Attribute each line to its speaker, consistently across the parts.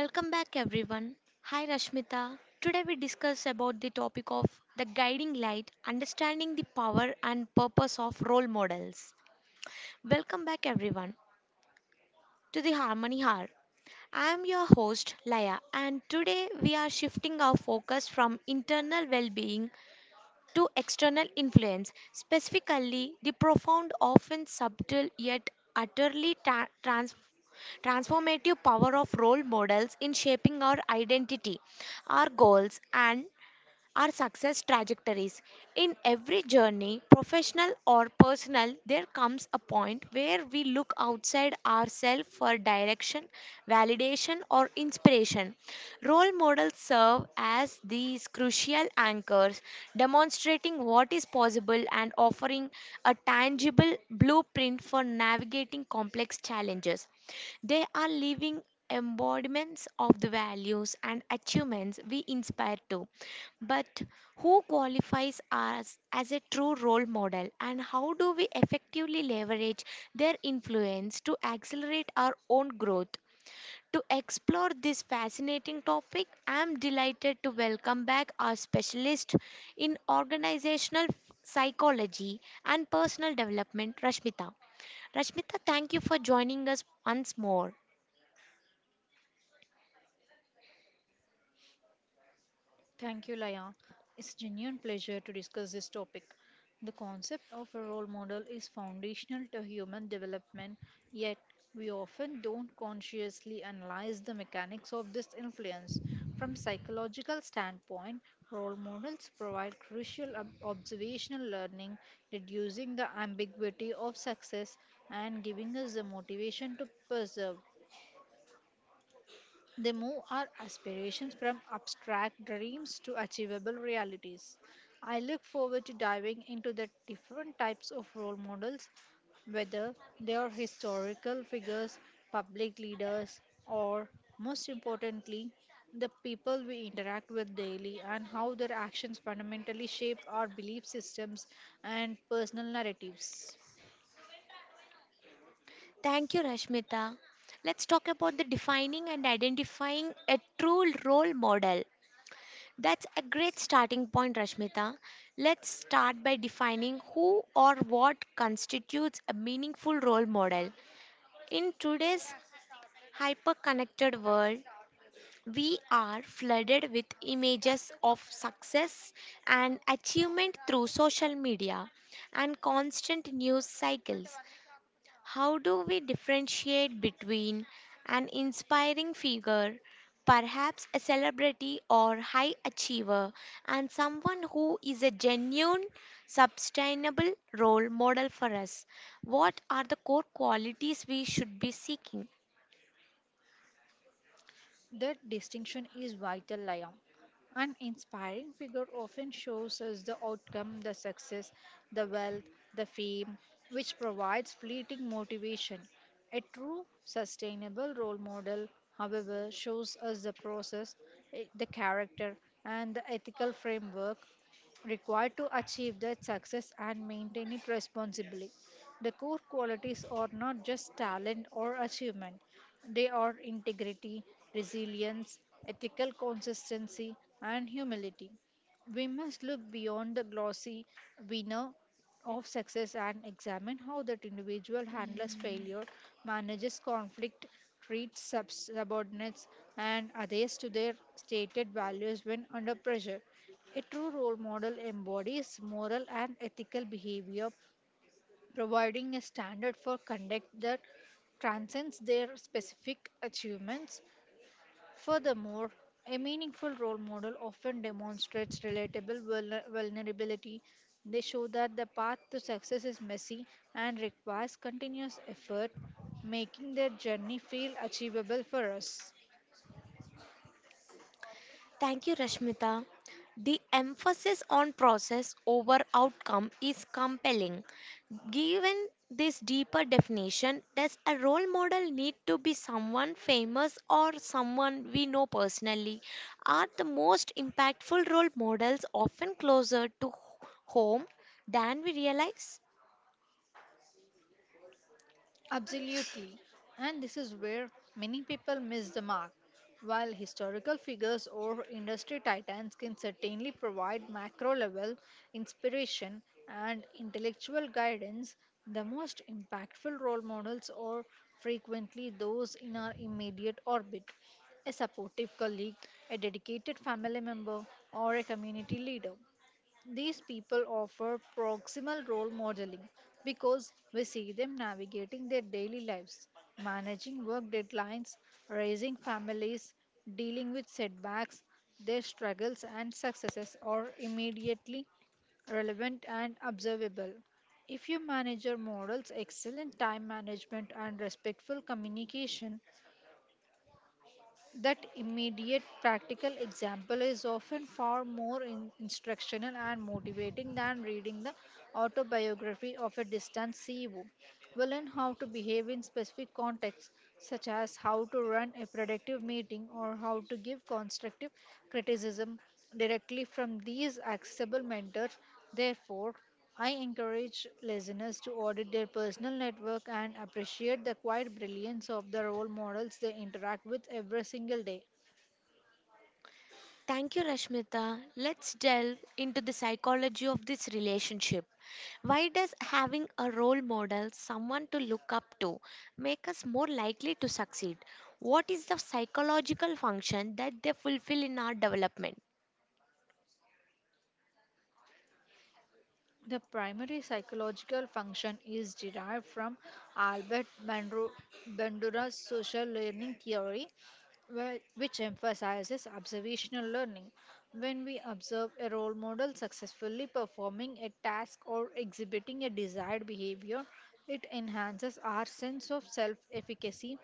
Speaker 1: Welcome back everyone. Hi Rashmita. Today we discuss about the topic of the guiding light, understanding the power and purpose of role models. Welcome back everyone to the Harmony Hour. I am your host Laya and today we are shifting our focus from internal well-being to external influence, specifically the profound often subtle yet utterly transformative power of role models in shaping our identity, our goals, and our success trajectories. In every journey, professional or personal, there comes a point where we look outside ourselves for direction, validation, or inspiration. Role models serve as these crucial anchors, demonstrating what is possible and offering a tangible blueprint for navigating complex challenges. They are living embodiments of the values and achievements we inspire to. But who qualifies us as a true role model, and how do we effectively leverage their influence to accelerate our own growth? To explore this fascinating topic, I am delighted to welcome back our specialist in organizational psychology and personal development, Rashmita. Rashmita, thank you for joining us once more.
Speaker 2: Thank you, Laya. It's genuine pleasure to discuss this topic. The concept of a role model is foundational to human development, yet we often don't consciously analyze the mechanics of this influence. From psychological standpoint, role models provide crucial observational learning, reducing the ambiguity of success and giving us the motivation to persevere. They move our aspirations from abstract dreams to achievable realities. I look forward to diving into the different types of role models, whether they are historical figures, public leaders, or most importantly, the people we interact with daily and how their actions fundamentally shape our belief systems and personal narratives.
Speaker 1: Thank you, Rashmita. Let's talk about the defining and identifying a true role model. That's a great starting point, Rashmita. Let's start by defining who or what constitutes a meaningful role model. In today's hyper connected world, we are flooded with images of success and achievement through social media and constant news cycles. How do we differentiate between an inspiring figure, perhaps a celebrity or high achiever, and someone who is a genuine, sustainable role model for us? What are the core qualities we should be seeking?
Speaker 2: That distinction is vital, Liam. An inspiring figure often shows us the outcome, the success, the wealth, the fame, which provides fleeting motivation. A true, sustainable role model, however, shows us the process, the character, and the ethical framework required to achieve that success and maintain it responsibly. The core qualities are not just talent or achievement, they are integrity, resilience, ethical consistency, and humility. We must look beyond the glossy winner of success and examine how that individual handles failure, manages conflict, treats subordinates and adheres to their stated values when under pressure. A true role model embodies moral and ethical behavior providing a standard for conduct that transcends their specific achievements. Furthermore, a meaningful role model often demonstrates relatable vulnerability. They show that the path to success is messy and requires continuous effort, making their journey feel achievable for us.
Speaker 1: Thank you, Rashmita. The emphasis on process over outcome is compelling. Given this deeper definition, does a role model need to be someone famous or someone we know personally? Are the most impactful role models often closer to home than we realize?
Speaker 2: Absolutely. And this is where many people miss the mark. While historical figures or industry titans can certainly provide macro level inspiration and intellectual guidance, the most impactful role models are frequently those in our immediate orbit, a supportive colleague, a dedicated family member, or a community leader. These people offer proximal role modeling because we see them navigating their daily lives, managing work deadlines, raising families, dealing with setbacks. Their struggles and successes are immediately relevant and observable. If your manager models excellent time management and respectful communication, that immediate practical example is often far more instructional and motivating than reading the autobiography of a distant CEO. We learn how to behave in specific contexts, such as how to run a productive meeting or how to give constructive criticism directly from these accessible mentors. Therefore, I encourage listeners to audit their personal network and appreciate the quiet brilliance of the role models they interact with every single day.
Speaker 1: Thank you, Rashmita. Let's delve into the psychology of this relationship. Why does having a role model, someone to look up to, make us more likely to succeed? What is the psychological function that they fulfill in our development?
Speaker 2: The primary psychological function is derived from Albert Bandura- Bandura's social learning theory, which emphasizes observational learning. When we observe a role model successfully performing a task or exhibiting a desired behavior, it enhances our sense of self efficacy,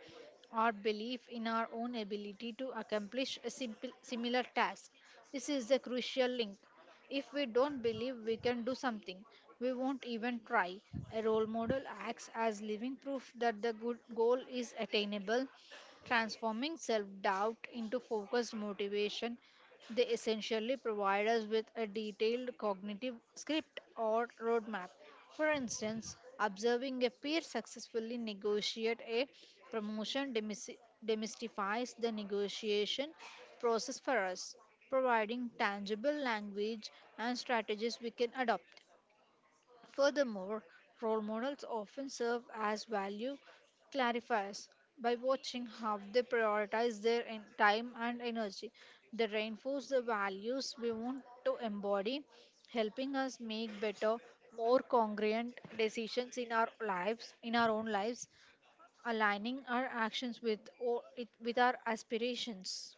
Speaker 2: our belief in our own ability to accomplish a similar task. This is the crucial link. If we don't believe we can do something, we won't even try. A role model acts as living proof that the good goal is attainable. Transforming self doubt into focused motivation, they essentially provide us with a detailed cognitive script or roadmap. For instance, observing a peer successfully negotiate a promotion demystifies the negotiation process for us, providing tangible language and strategies we can adopt. Furthermore, role models often serve as value clarifiers. By watching how they prioritize their time and energy, they reinforce the values we want to embody, helping us make better, more congruent decisions in our own lives, aligning our actions with our aspirations.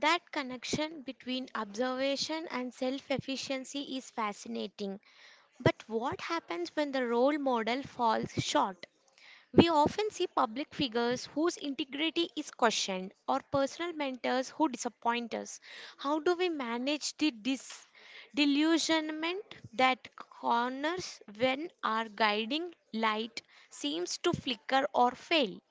Speaker 1: That connection between observation and self efficiency is fascinating. But what happens when the role model falls short? We often see public figures whose integrity is questioned or personal mentors who disappoint us. How do we manage the delusionment that corners when our guiding light seems to flicker or fail?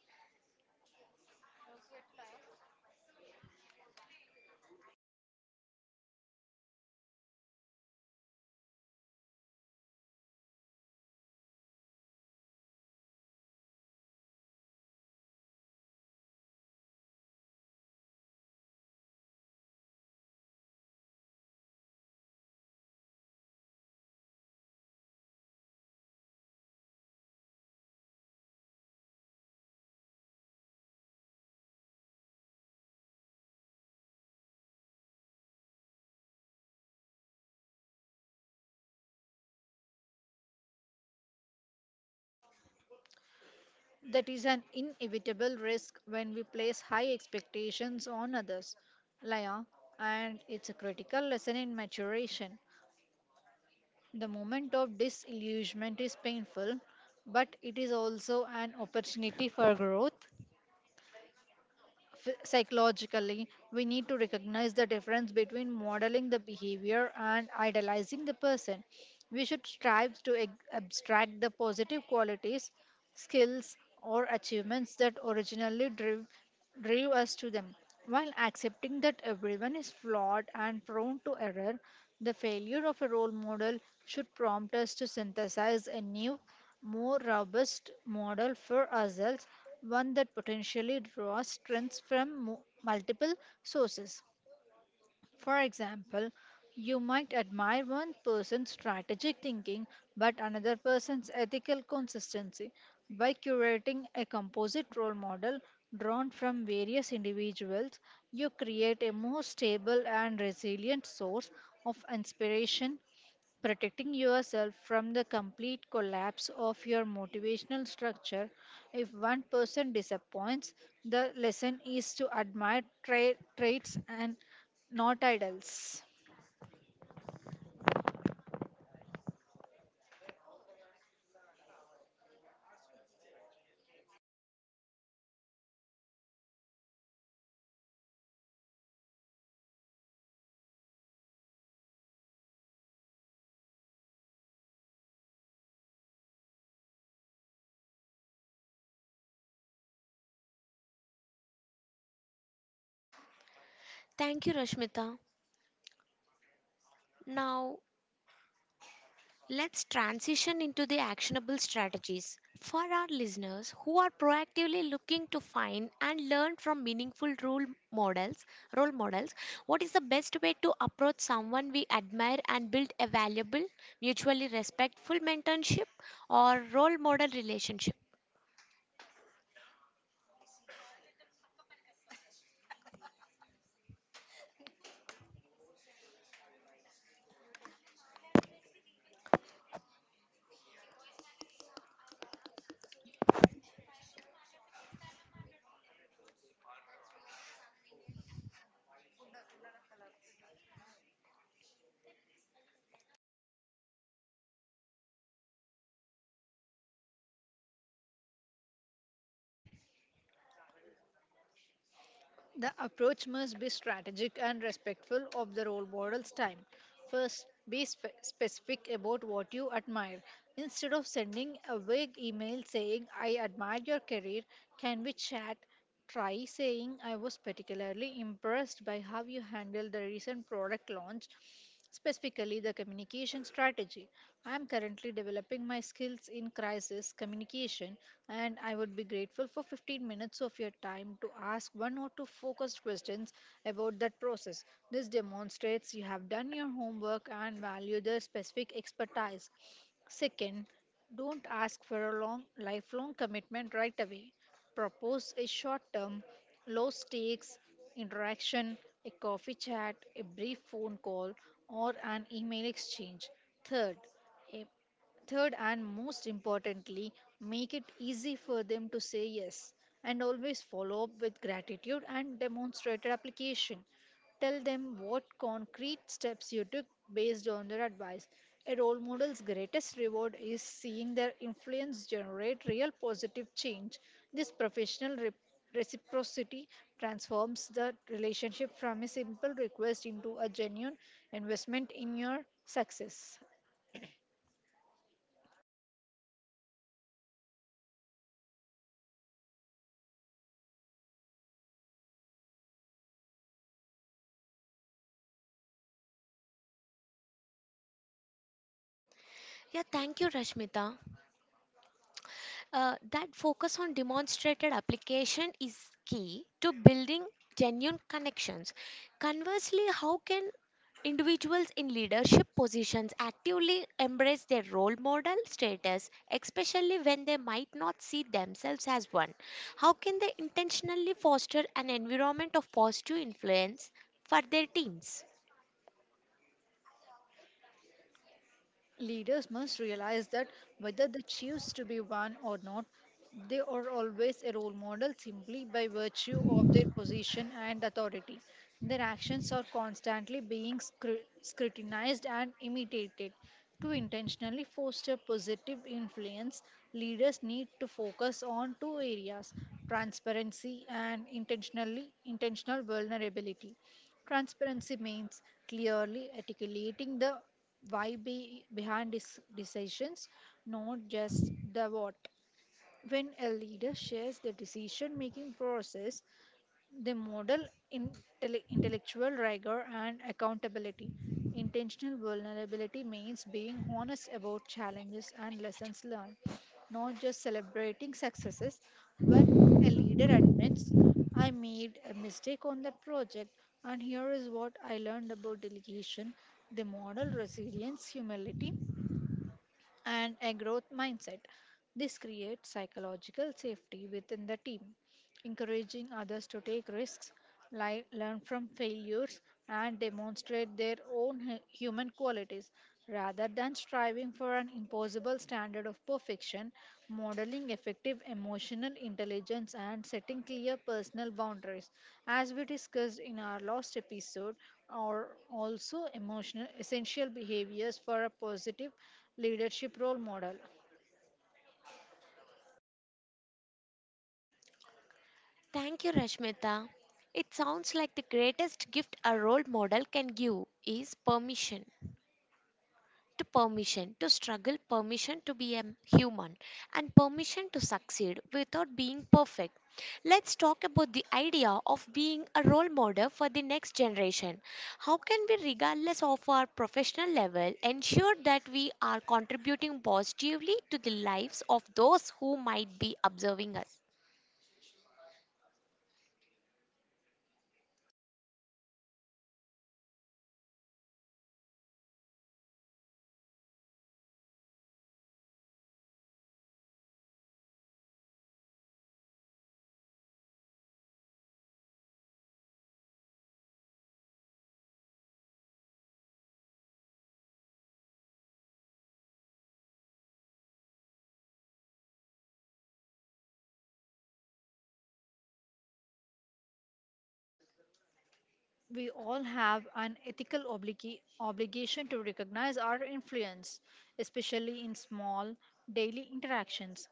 Speaker 2: That is an inevitable risk when we place high expectations on others, Laya, and it's a critical lesson in maturation. The moment of disillusionment is painful, but it is also an opportunity for growth. Psychologically, we need to recognize the difference between modeling the behavior and idealizing the person. We should strive to abstract the positive qualities, skills, or achievements that originally drew us to them. While accepting that everyone is flawed and prone to error, the failure of a role model should prompt us to synthesize a new, more robust model for ourselves, one that potentially draws strengths from multiple sources. For example, you might admire one person's strategic thinking but another person's ethical consistency. By curating a composite role model drawn from various individuals, you create a more stable and resilient source of inspiration, protecting yourself from the complete collapse of your motivational structure. If one person disappoints, the lesson is to admire traits and not idols.
Speaker 1: Thank you, Rashmita. Now, let's transition into the actionable strategies for our listeners who are proactively looking to find and learn from meaningful role models. Role models, what is the best way to approach someone we admire and build a valuable, mutually respectful mentorship or role model relationship?
Speaker 2: The approach must be strategic and respectful of the role model's time. First, be specific about what you admire. Instead of sending a vague email saying, "I admire your career, can we chat?" Try saying, "I was particularly impressed by how you handled the recent product launch, specifically the communication strategy. I am currently developing my skills in crisis communication and I would be grateful for 15 minutes of your time to ask one or two focused questions about that process." This demonstrates you have done your homework and value their specific expertise. Second, don't ask for a long lifelong commitment right away. Propose a short-term, low-stakes interaction, a coffee chat, a brief phone call, or an email exchange. Third, Third, and most importantly, make it easy for them to say yes and always follow up with gratitude and demonstrated application. Tell them what concrete steps you took based on their advice. A role model's greatest reward is seeing their influence generate real positive change. This professional reciprocity transforms the relationship from a simple request into a genuine investment in your success.
Speaker 1: Yeah, thank you, Rashmita. That focus on demonstrated application is key to building genuine connections. Conversely, how can individuals in leadership positions actively embrace their role model status, especially when they might not see themselves as one? How can they intentionally foster an environment of positive influence for their teams?
Speaker 2: Leaders must realize that whether they choose to be one or not, they are always a role model simply by virtue of their position and authority. Their actions are constantly being scrutinized and imitated. To intentionally foster positive influence, leaders need to focus on two areas: transparency and intentional vulnerability. Transparency means clearly articulating the why be behind decisions, not just the what. When a leader shares the decision making process, they model intellectual rigor and accountability. Intentional vulnerability means being honest about challenges and lessons learned, not just celebrating successes. When a leader admits, "I made a mistake on that project, and here is what I learned about delegation," they model resilience, humility, and a growth mindset. This creates psychological safety within the team, encouraging others to take risks, learn from failures, and demonstrate their own human qualities. Rather than striving for an impossible standard of perfection, modeling effective emotional intelligence and setting clear personal boundaries, as we discussed in our last episode, are also emotional essential behaviors for a positive leadership role model.
Speaker 1: Thank you, Rashmita. It sounds like the greatest gift a role model can give is permission. To permission to struggle, permission to be a human, and permission to succeed without being perfect. Let's talk about the idea of being a role model for the next generation. How can we, regardless of our professional level, ensure that we are contributing positively to the lives of those who might be observing us?
Speaker 2: We all have an ethical obligation to recognize our influence, especially in small, daily interactions.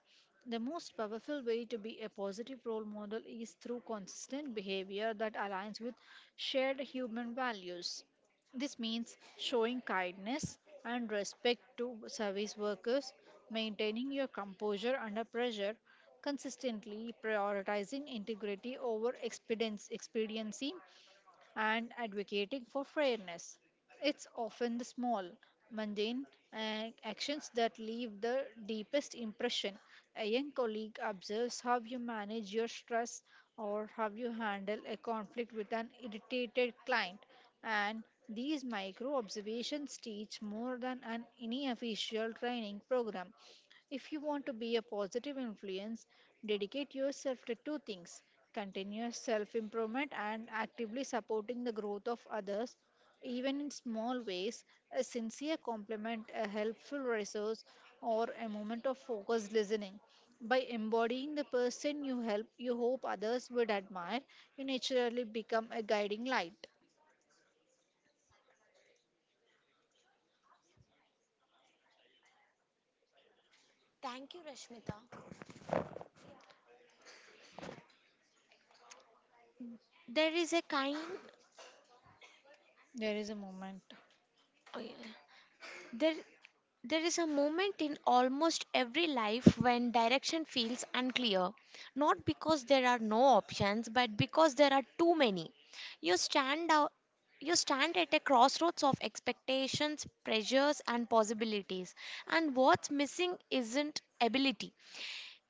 Speaker 2: The most powerful way to be a positive role model is through consistent behavior that aligns with shared human values. This means showing kindness and respect to service workers, maintaining your composure under pressure, consistently prioritizing integrity over expediency, and advocating for fairness. It's often the small, mundane actions that leave the deepest impression. A young colleague observes how you manage your stress or how you handle a conflict with an irritated client, and these micro observations teach more than any official training program. If you want to be a positive influence, dedicate yourself to two things: continuous self improvement and actively supporting the growth of others, even in small ways. A sincere compliment, a helpful resource, or a moment of focused listening. By embodying the person you help, you hope others would admire, you naturally become a guiding light.
Speaker 1: Thank you, Rashmita. There is a kind.
Speaker 2: There is a moment.
Speaker 1: Oh, yeah. There There is a moment in almost every life when direction feels unclear, not because there are no options, but because there are too many. You stand out. You stand at a crossroads of expectations, pressures, and possibilities. And what's missing isn't ability,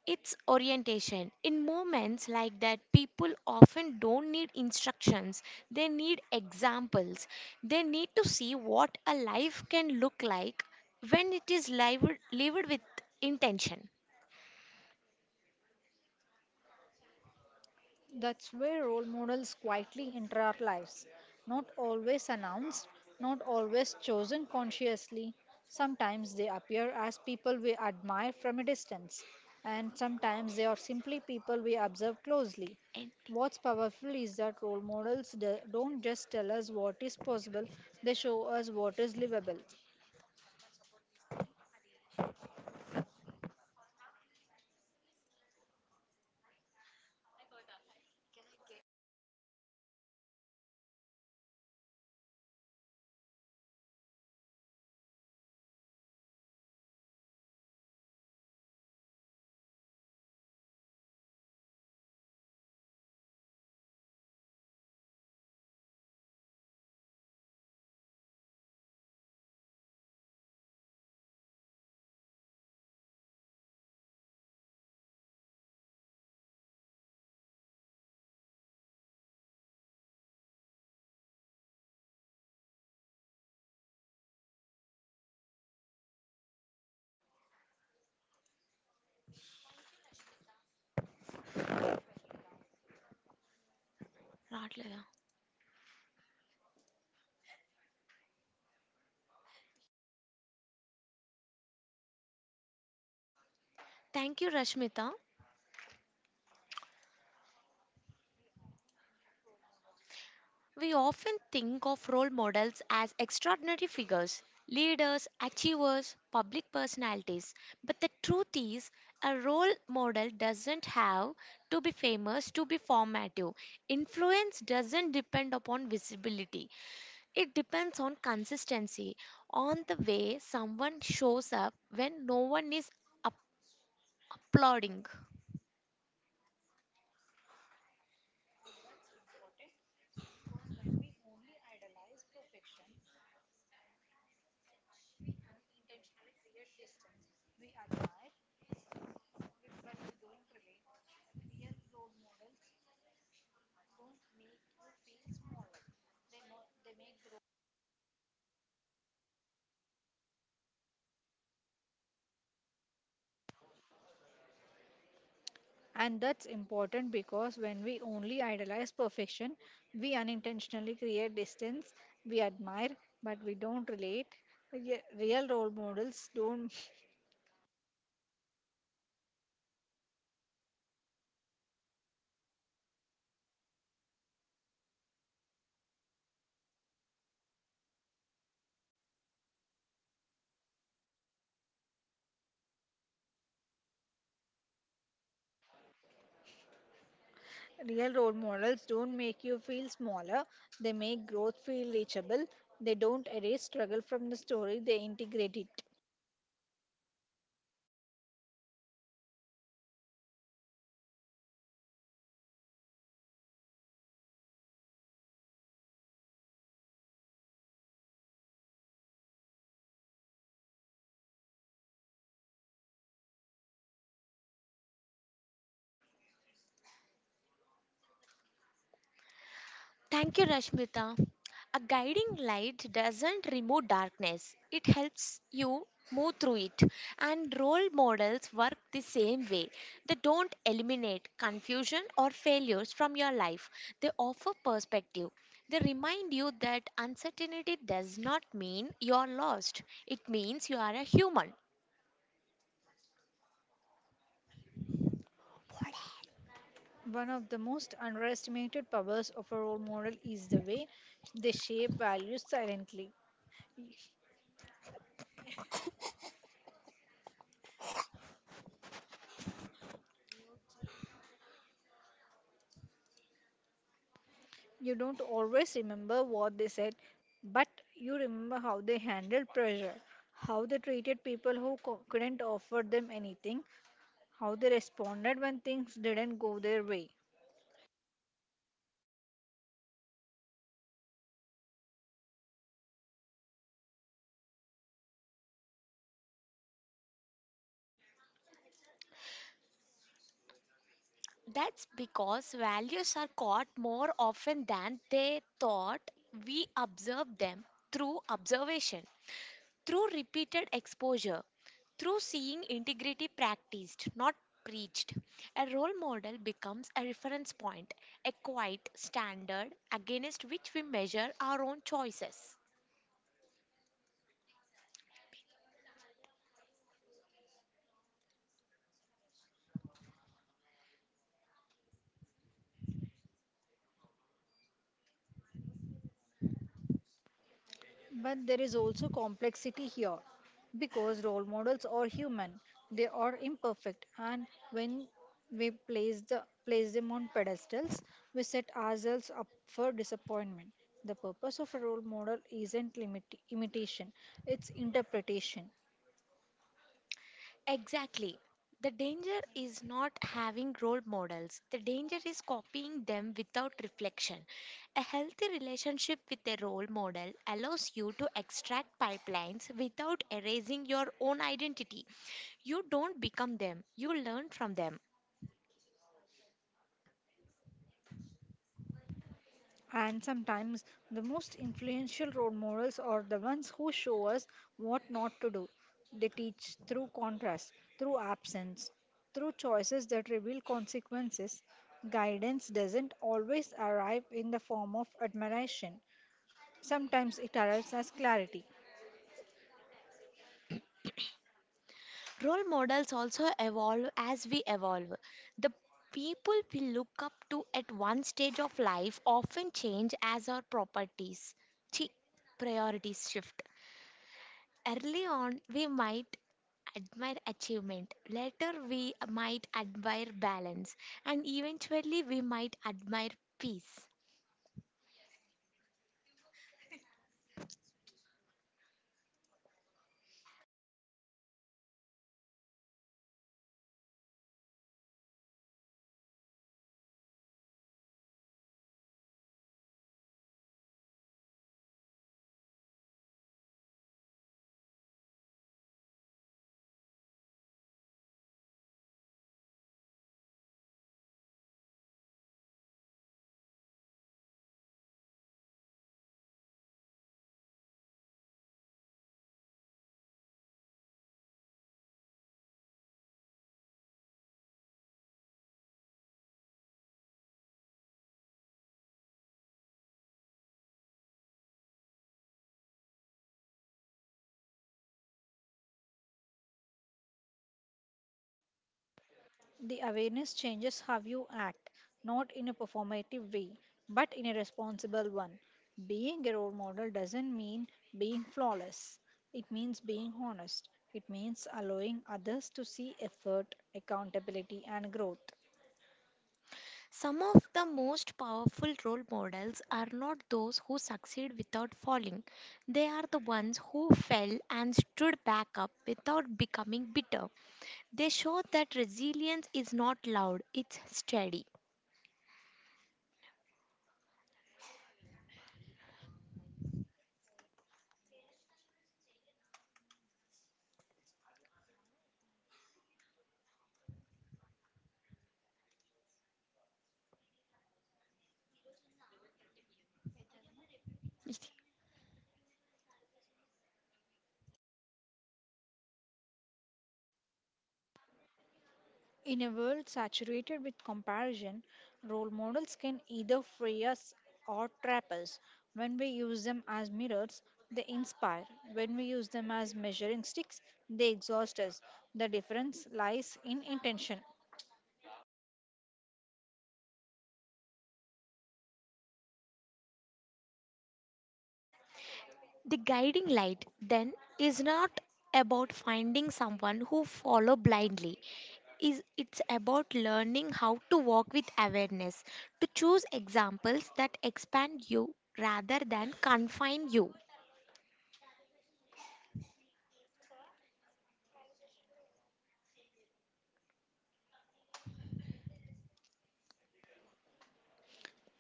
Speaker 1: it's orientation. In moments like that, people often don't need instructions, they need examples. They need to see what a life can look like when it is lived with intention.
Speaker 2: That's where role models quietly enter our lives, not always announced, not always chosen consciously. Sometimes they appear as people we admire from a distance, and sometimes they are simply people we observe closely.
Speaker 1: And-
Speaker 2: What's powerful is that role models don't just tell us what is possible, they show us what is livable.
Speaker 1: రావట్లేదా? Thank you, Rashmita. We often think of role models as extraordinary figures, leaders, achievers, public personalities. But the truth is, a role model doesn't have to be famous to be formative. Influence doesn't depend upon visibility, it depends on consistency, on the way someone shows up when no one is up- applauding.
Speaker 2: And that's important because when we only idolize perfection, we unintentionally create distance, we admire, but we don't relate. Real role models don't real role models don't make you feel smaller. They make growth feel reachable. They don't erase struggle from the story, they integrate it.
Speaker 1: Thank you, Rashmita. A guiding light doesn't remove darkness, it helps you move through it. And role models work the same way. They don't eliminate confusion or failures from your life, they offer perspective. They remind you that uncertainty does not mean you're lost, it means you are a human.
Speaker 2: One of the most underestimated powers of a role model is the way they shape values silently. You don't always remember what they said, but you remember how they handled pressure, how they treated people who couldn't offer them anything, how they responded when things didn't go their way.
Speaker 1: That's because values are caught more often than they thought we observe them through observation, through repeated exposure, through seeing integrity practiced, not preached. A role model becomes a reference point, a quiet standard against which we measure our own choices.
Speaker 2: But there is also complexity here because role models are human, they are imperfect, and when place them on pedestals, we set ourselves up for disappointment. The purpose of a role model isn't limit, imitation, it's interpretation.
Speaker 1: Exactly. The danger is not having role models. The danger is copying them without reflection. A healthy relationship with a role model allows you to extract pipelines without erasing your own identity. You don't become them, you learn from them.
Speaker 2: And sometimes the most influential role models are the ones who show us what not to do. They teach through contrast, through absence, through choices that reveal consequences. Guidance doesn't always arrive in the form of admiration. Sometimes it arrives as clarity.
Speaker 1: Role models also evolve as we evolve. The people we look up to at one stage of life often change as our chi- priorities shift. Early on, we might admire achievement. Later, we might admire balance. And eventually, we might admire peace.
Speaker 2: The awareness changes how you act, not in a performative way, but in a responsible one. Being a role model doesn't mean being flawless, it means being honest. It means allowing others to see effort, accountability, and growth.
Speaker 1: Some of the most powerful role models are not those who succeed without falling. They are the ones who fell and stood back up without becoming bitter. They show that resilience is not loud, it's steady.
Speaker 2: In a world saturated with comparison, role models can either free us or trap us. When we use them as mirrors, they inspire. When we use them as measuring sticks, they exhaust us. The difference lies in intention.
Speaker 1: The guiding light then is not about finding someone who follow blindly. Is it's about learning how to walk with awareness, to choose examples that expand you rather than confine you.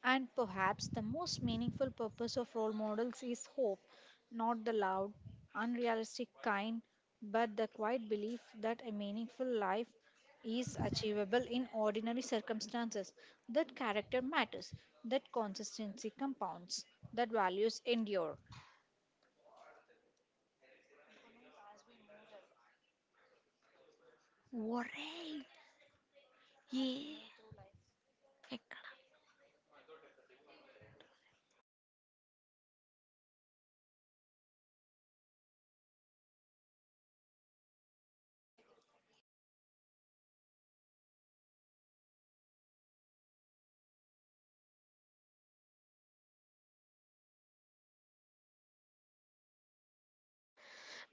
Speaker 2: And perhaps the most meaningful purpose of role models is hope, not the loud, unrealistic kind, but the quiet belief that a meaningful life is achievable in ordinary circumstances, that character matters, that consistency compounds, that values endure.
Speaker 1: Worry. Yeah.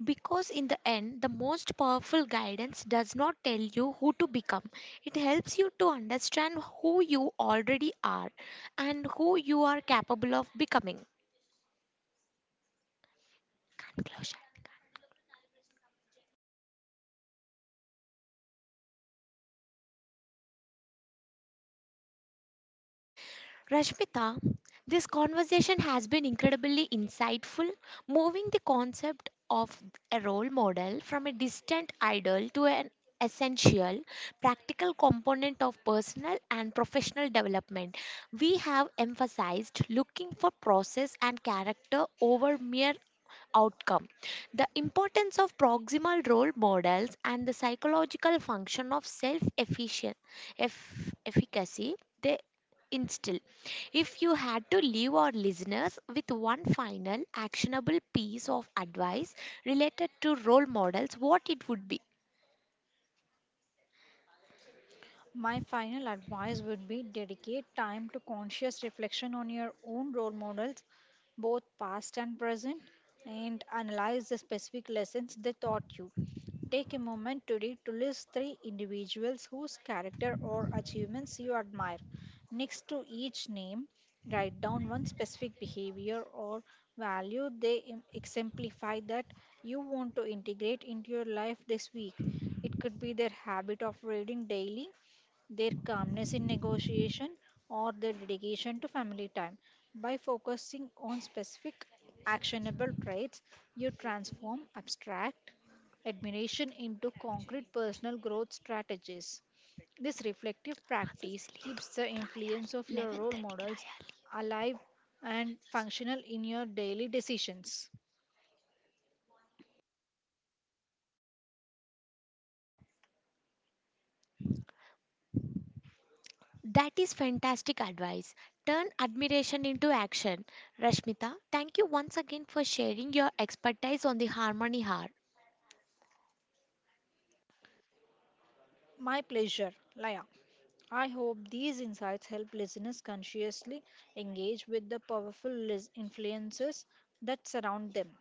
Speaker 1: Because in the end, the most powerful guidance does not tell you who to become. It helps you to understand who you already are and who you are capable of becoming. Conclusion. Rashmita, this conversation has been incredibly insightful, moving the concept of a role model from a distant idol to an essential, practical component of personal and professional development. We have emphasized looking for process and character over mere outcome. The importance of proximal role models and the psychological function of self efficacy they instill. If you had to leave our listeners with one final actionable piece of advice related to role models, what it would be?
Speaker 2: My final advice would be: dedicate time to conscious reflection on your own role models, both past and present, and analyze the specific lessons they taught you. Take a moment today to list three individuals whose character or achievements you admire. Next to each name, write down one specific behavior or value they exemplify that you want to integrate into your life this week. It could be their habit of reading daily, their calmness in negotiation, or their dedication to family time. By focusing on specific actionable traits, you transform abstract admiration into concrete personal growth strategies. This reflective
Speaker 1: हाँ, sir,
Speaker 2: practice
Speaker 1: चलिए तो,
Speaker 2: keeps the
Speaker 1: Rai
Speaker 2: influence of your role
Speaker 1: 11:30 की
Speaker 2: models
Speaker 1: Rai
Speaker 2: alive and functional in your daily decisions.
Speaker 1: That is fantastic advice. Turn admiration into action. Rashmita, thank you once again for sharing your expertise on the Harmony Heart.
Speaker 2: My pleasure, Laya. I hope these insights help listeners consciously engage with the powerful influences that surround them.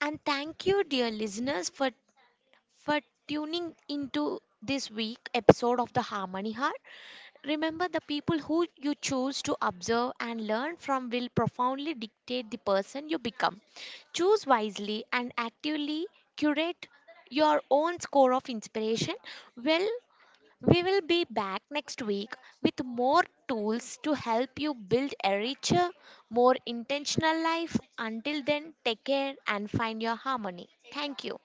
Speaker 1: And thank you, dear listeners, for tuning into this week episode of the Harmony Heart. Remember, the people who you choose to observe and learn from will profoundly dictate the person you become. Choose wisely and actively curate your own score of inspiration well. We will be back next week with more tools to help you build a richer, more intentional life. Until then, take care and find your harmony. Thank you.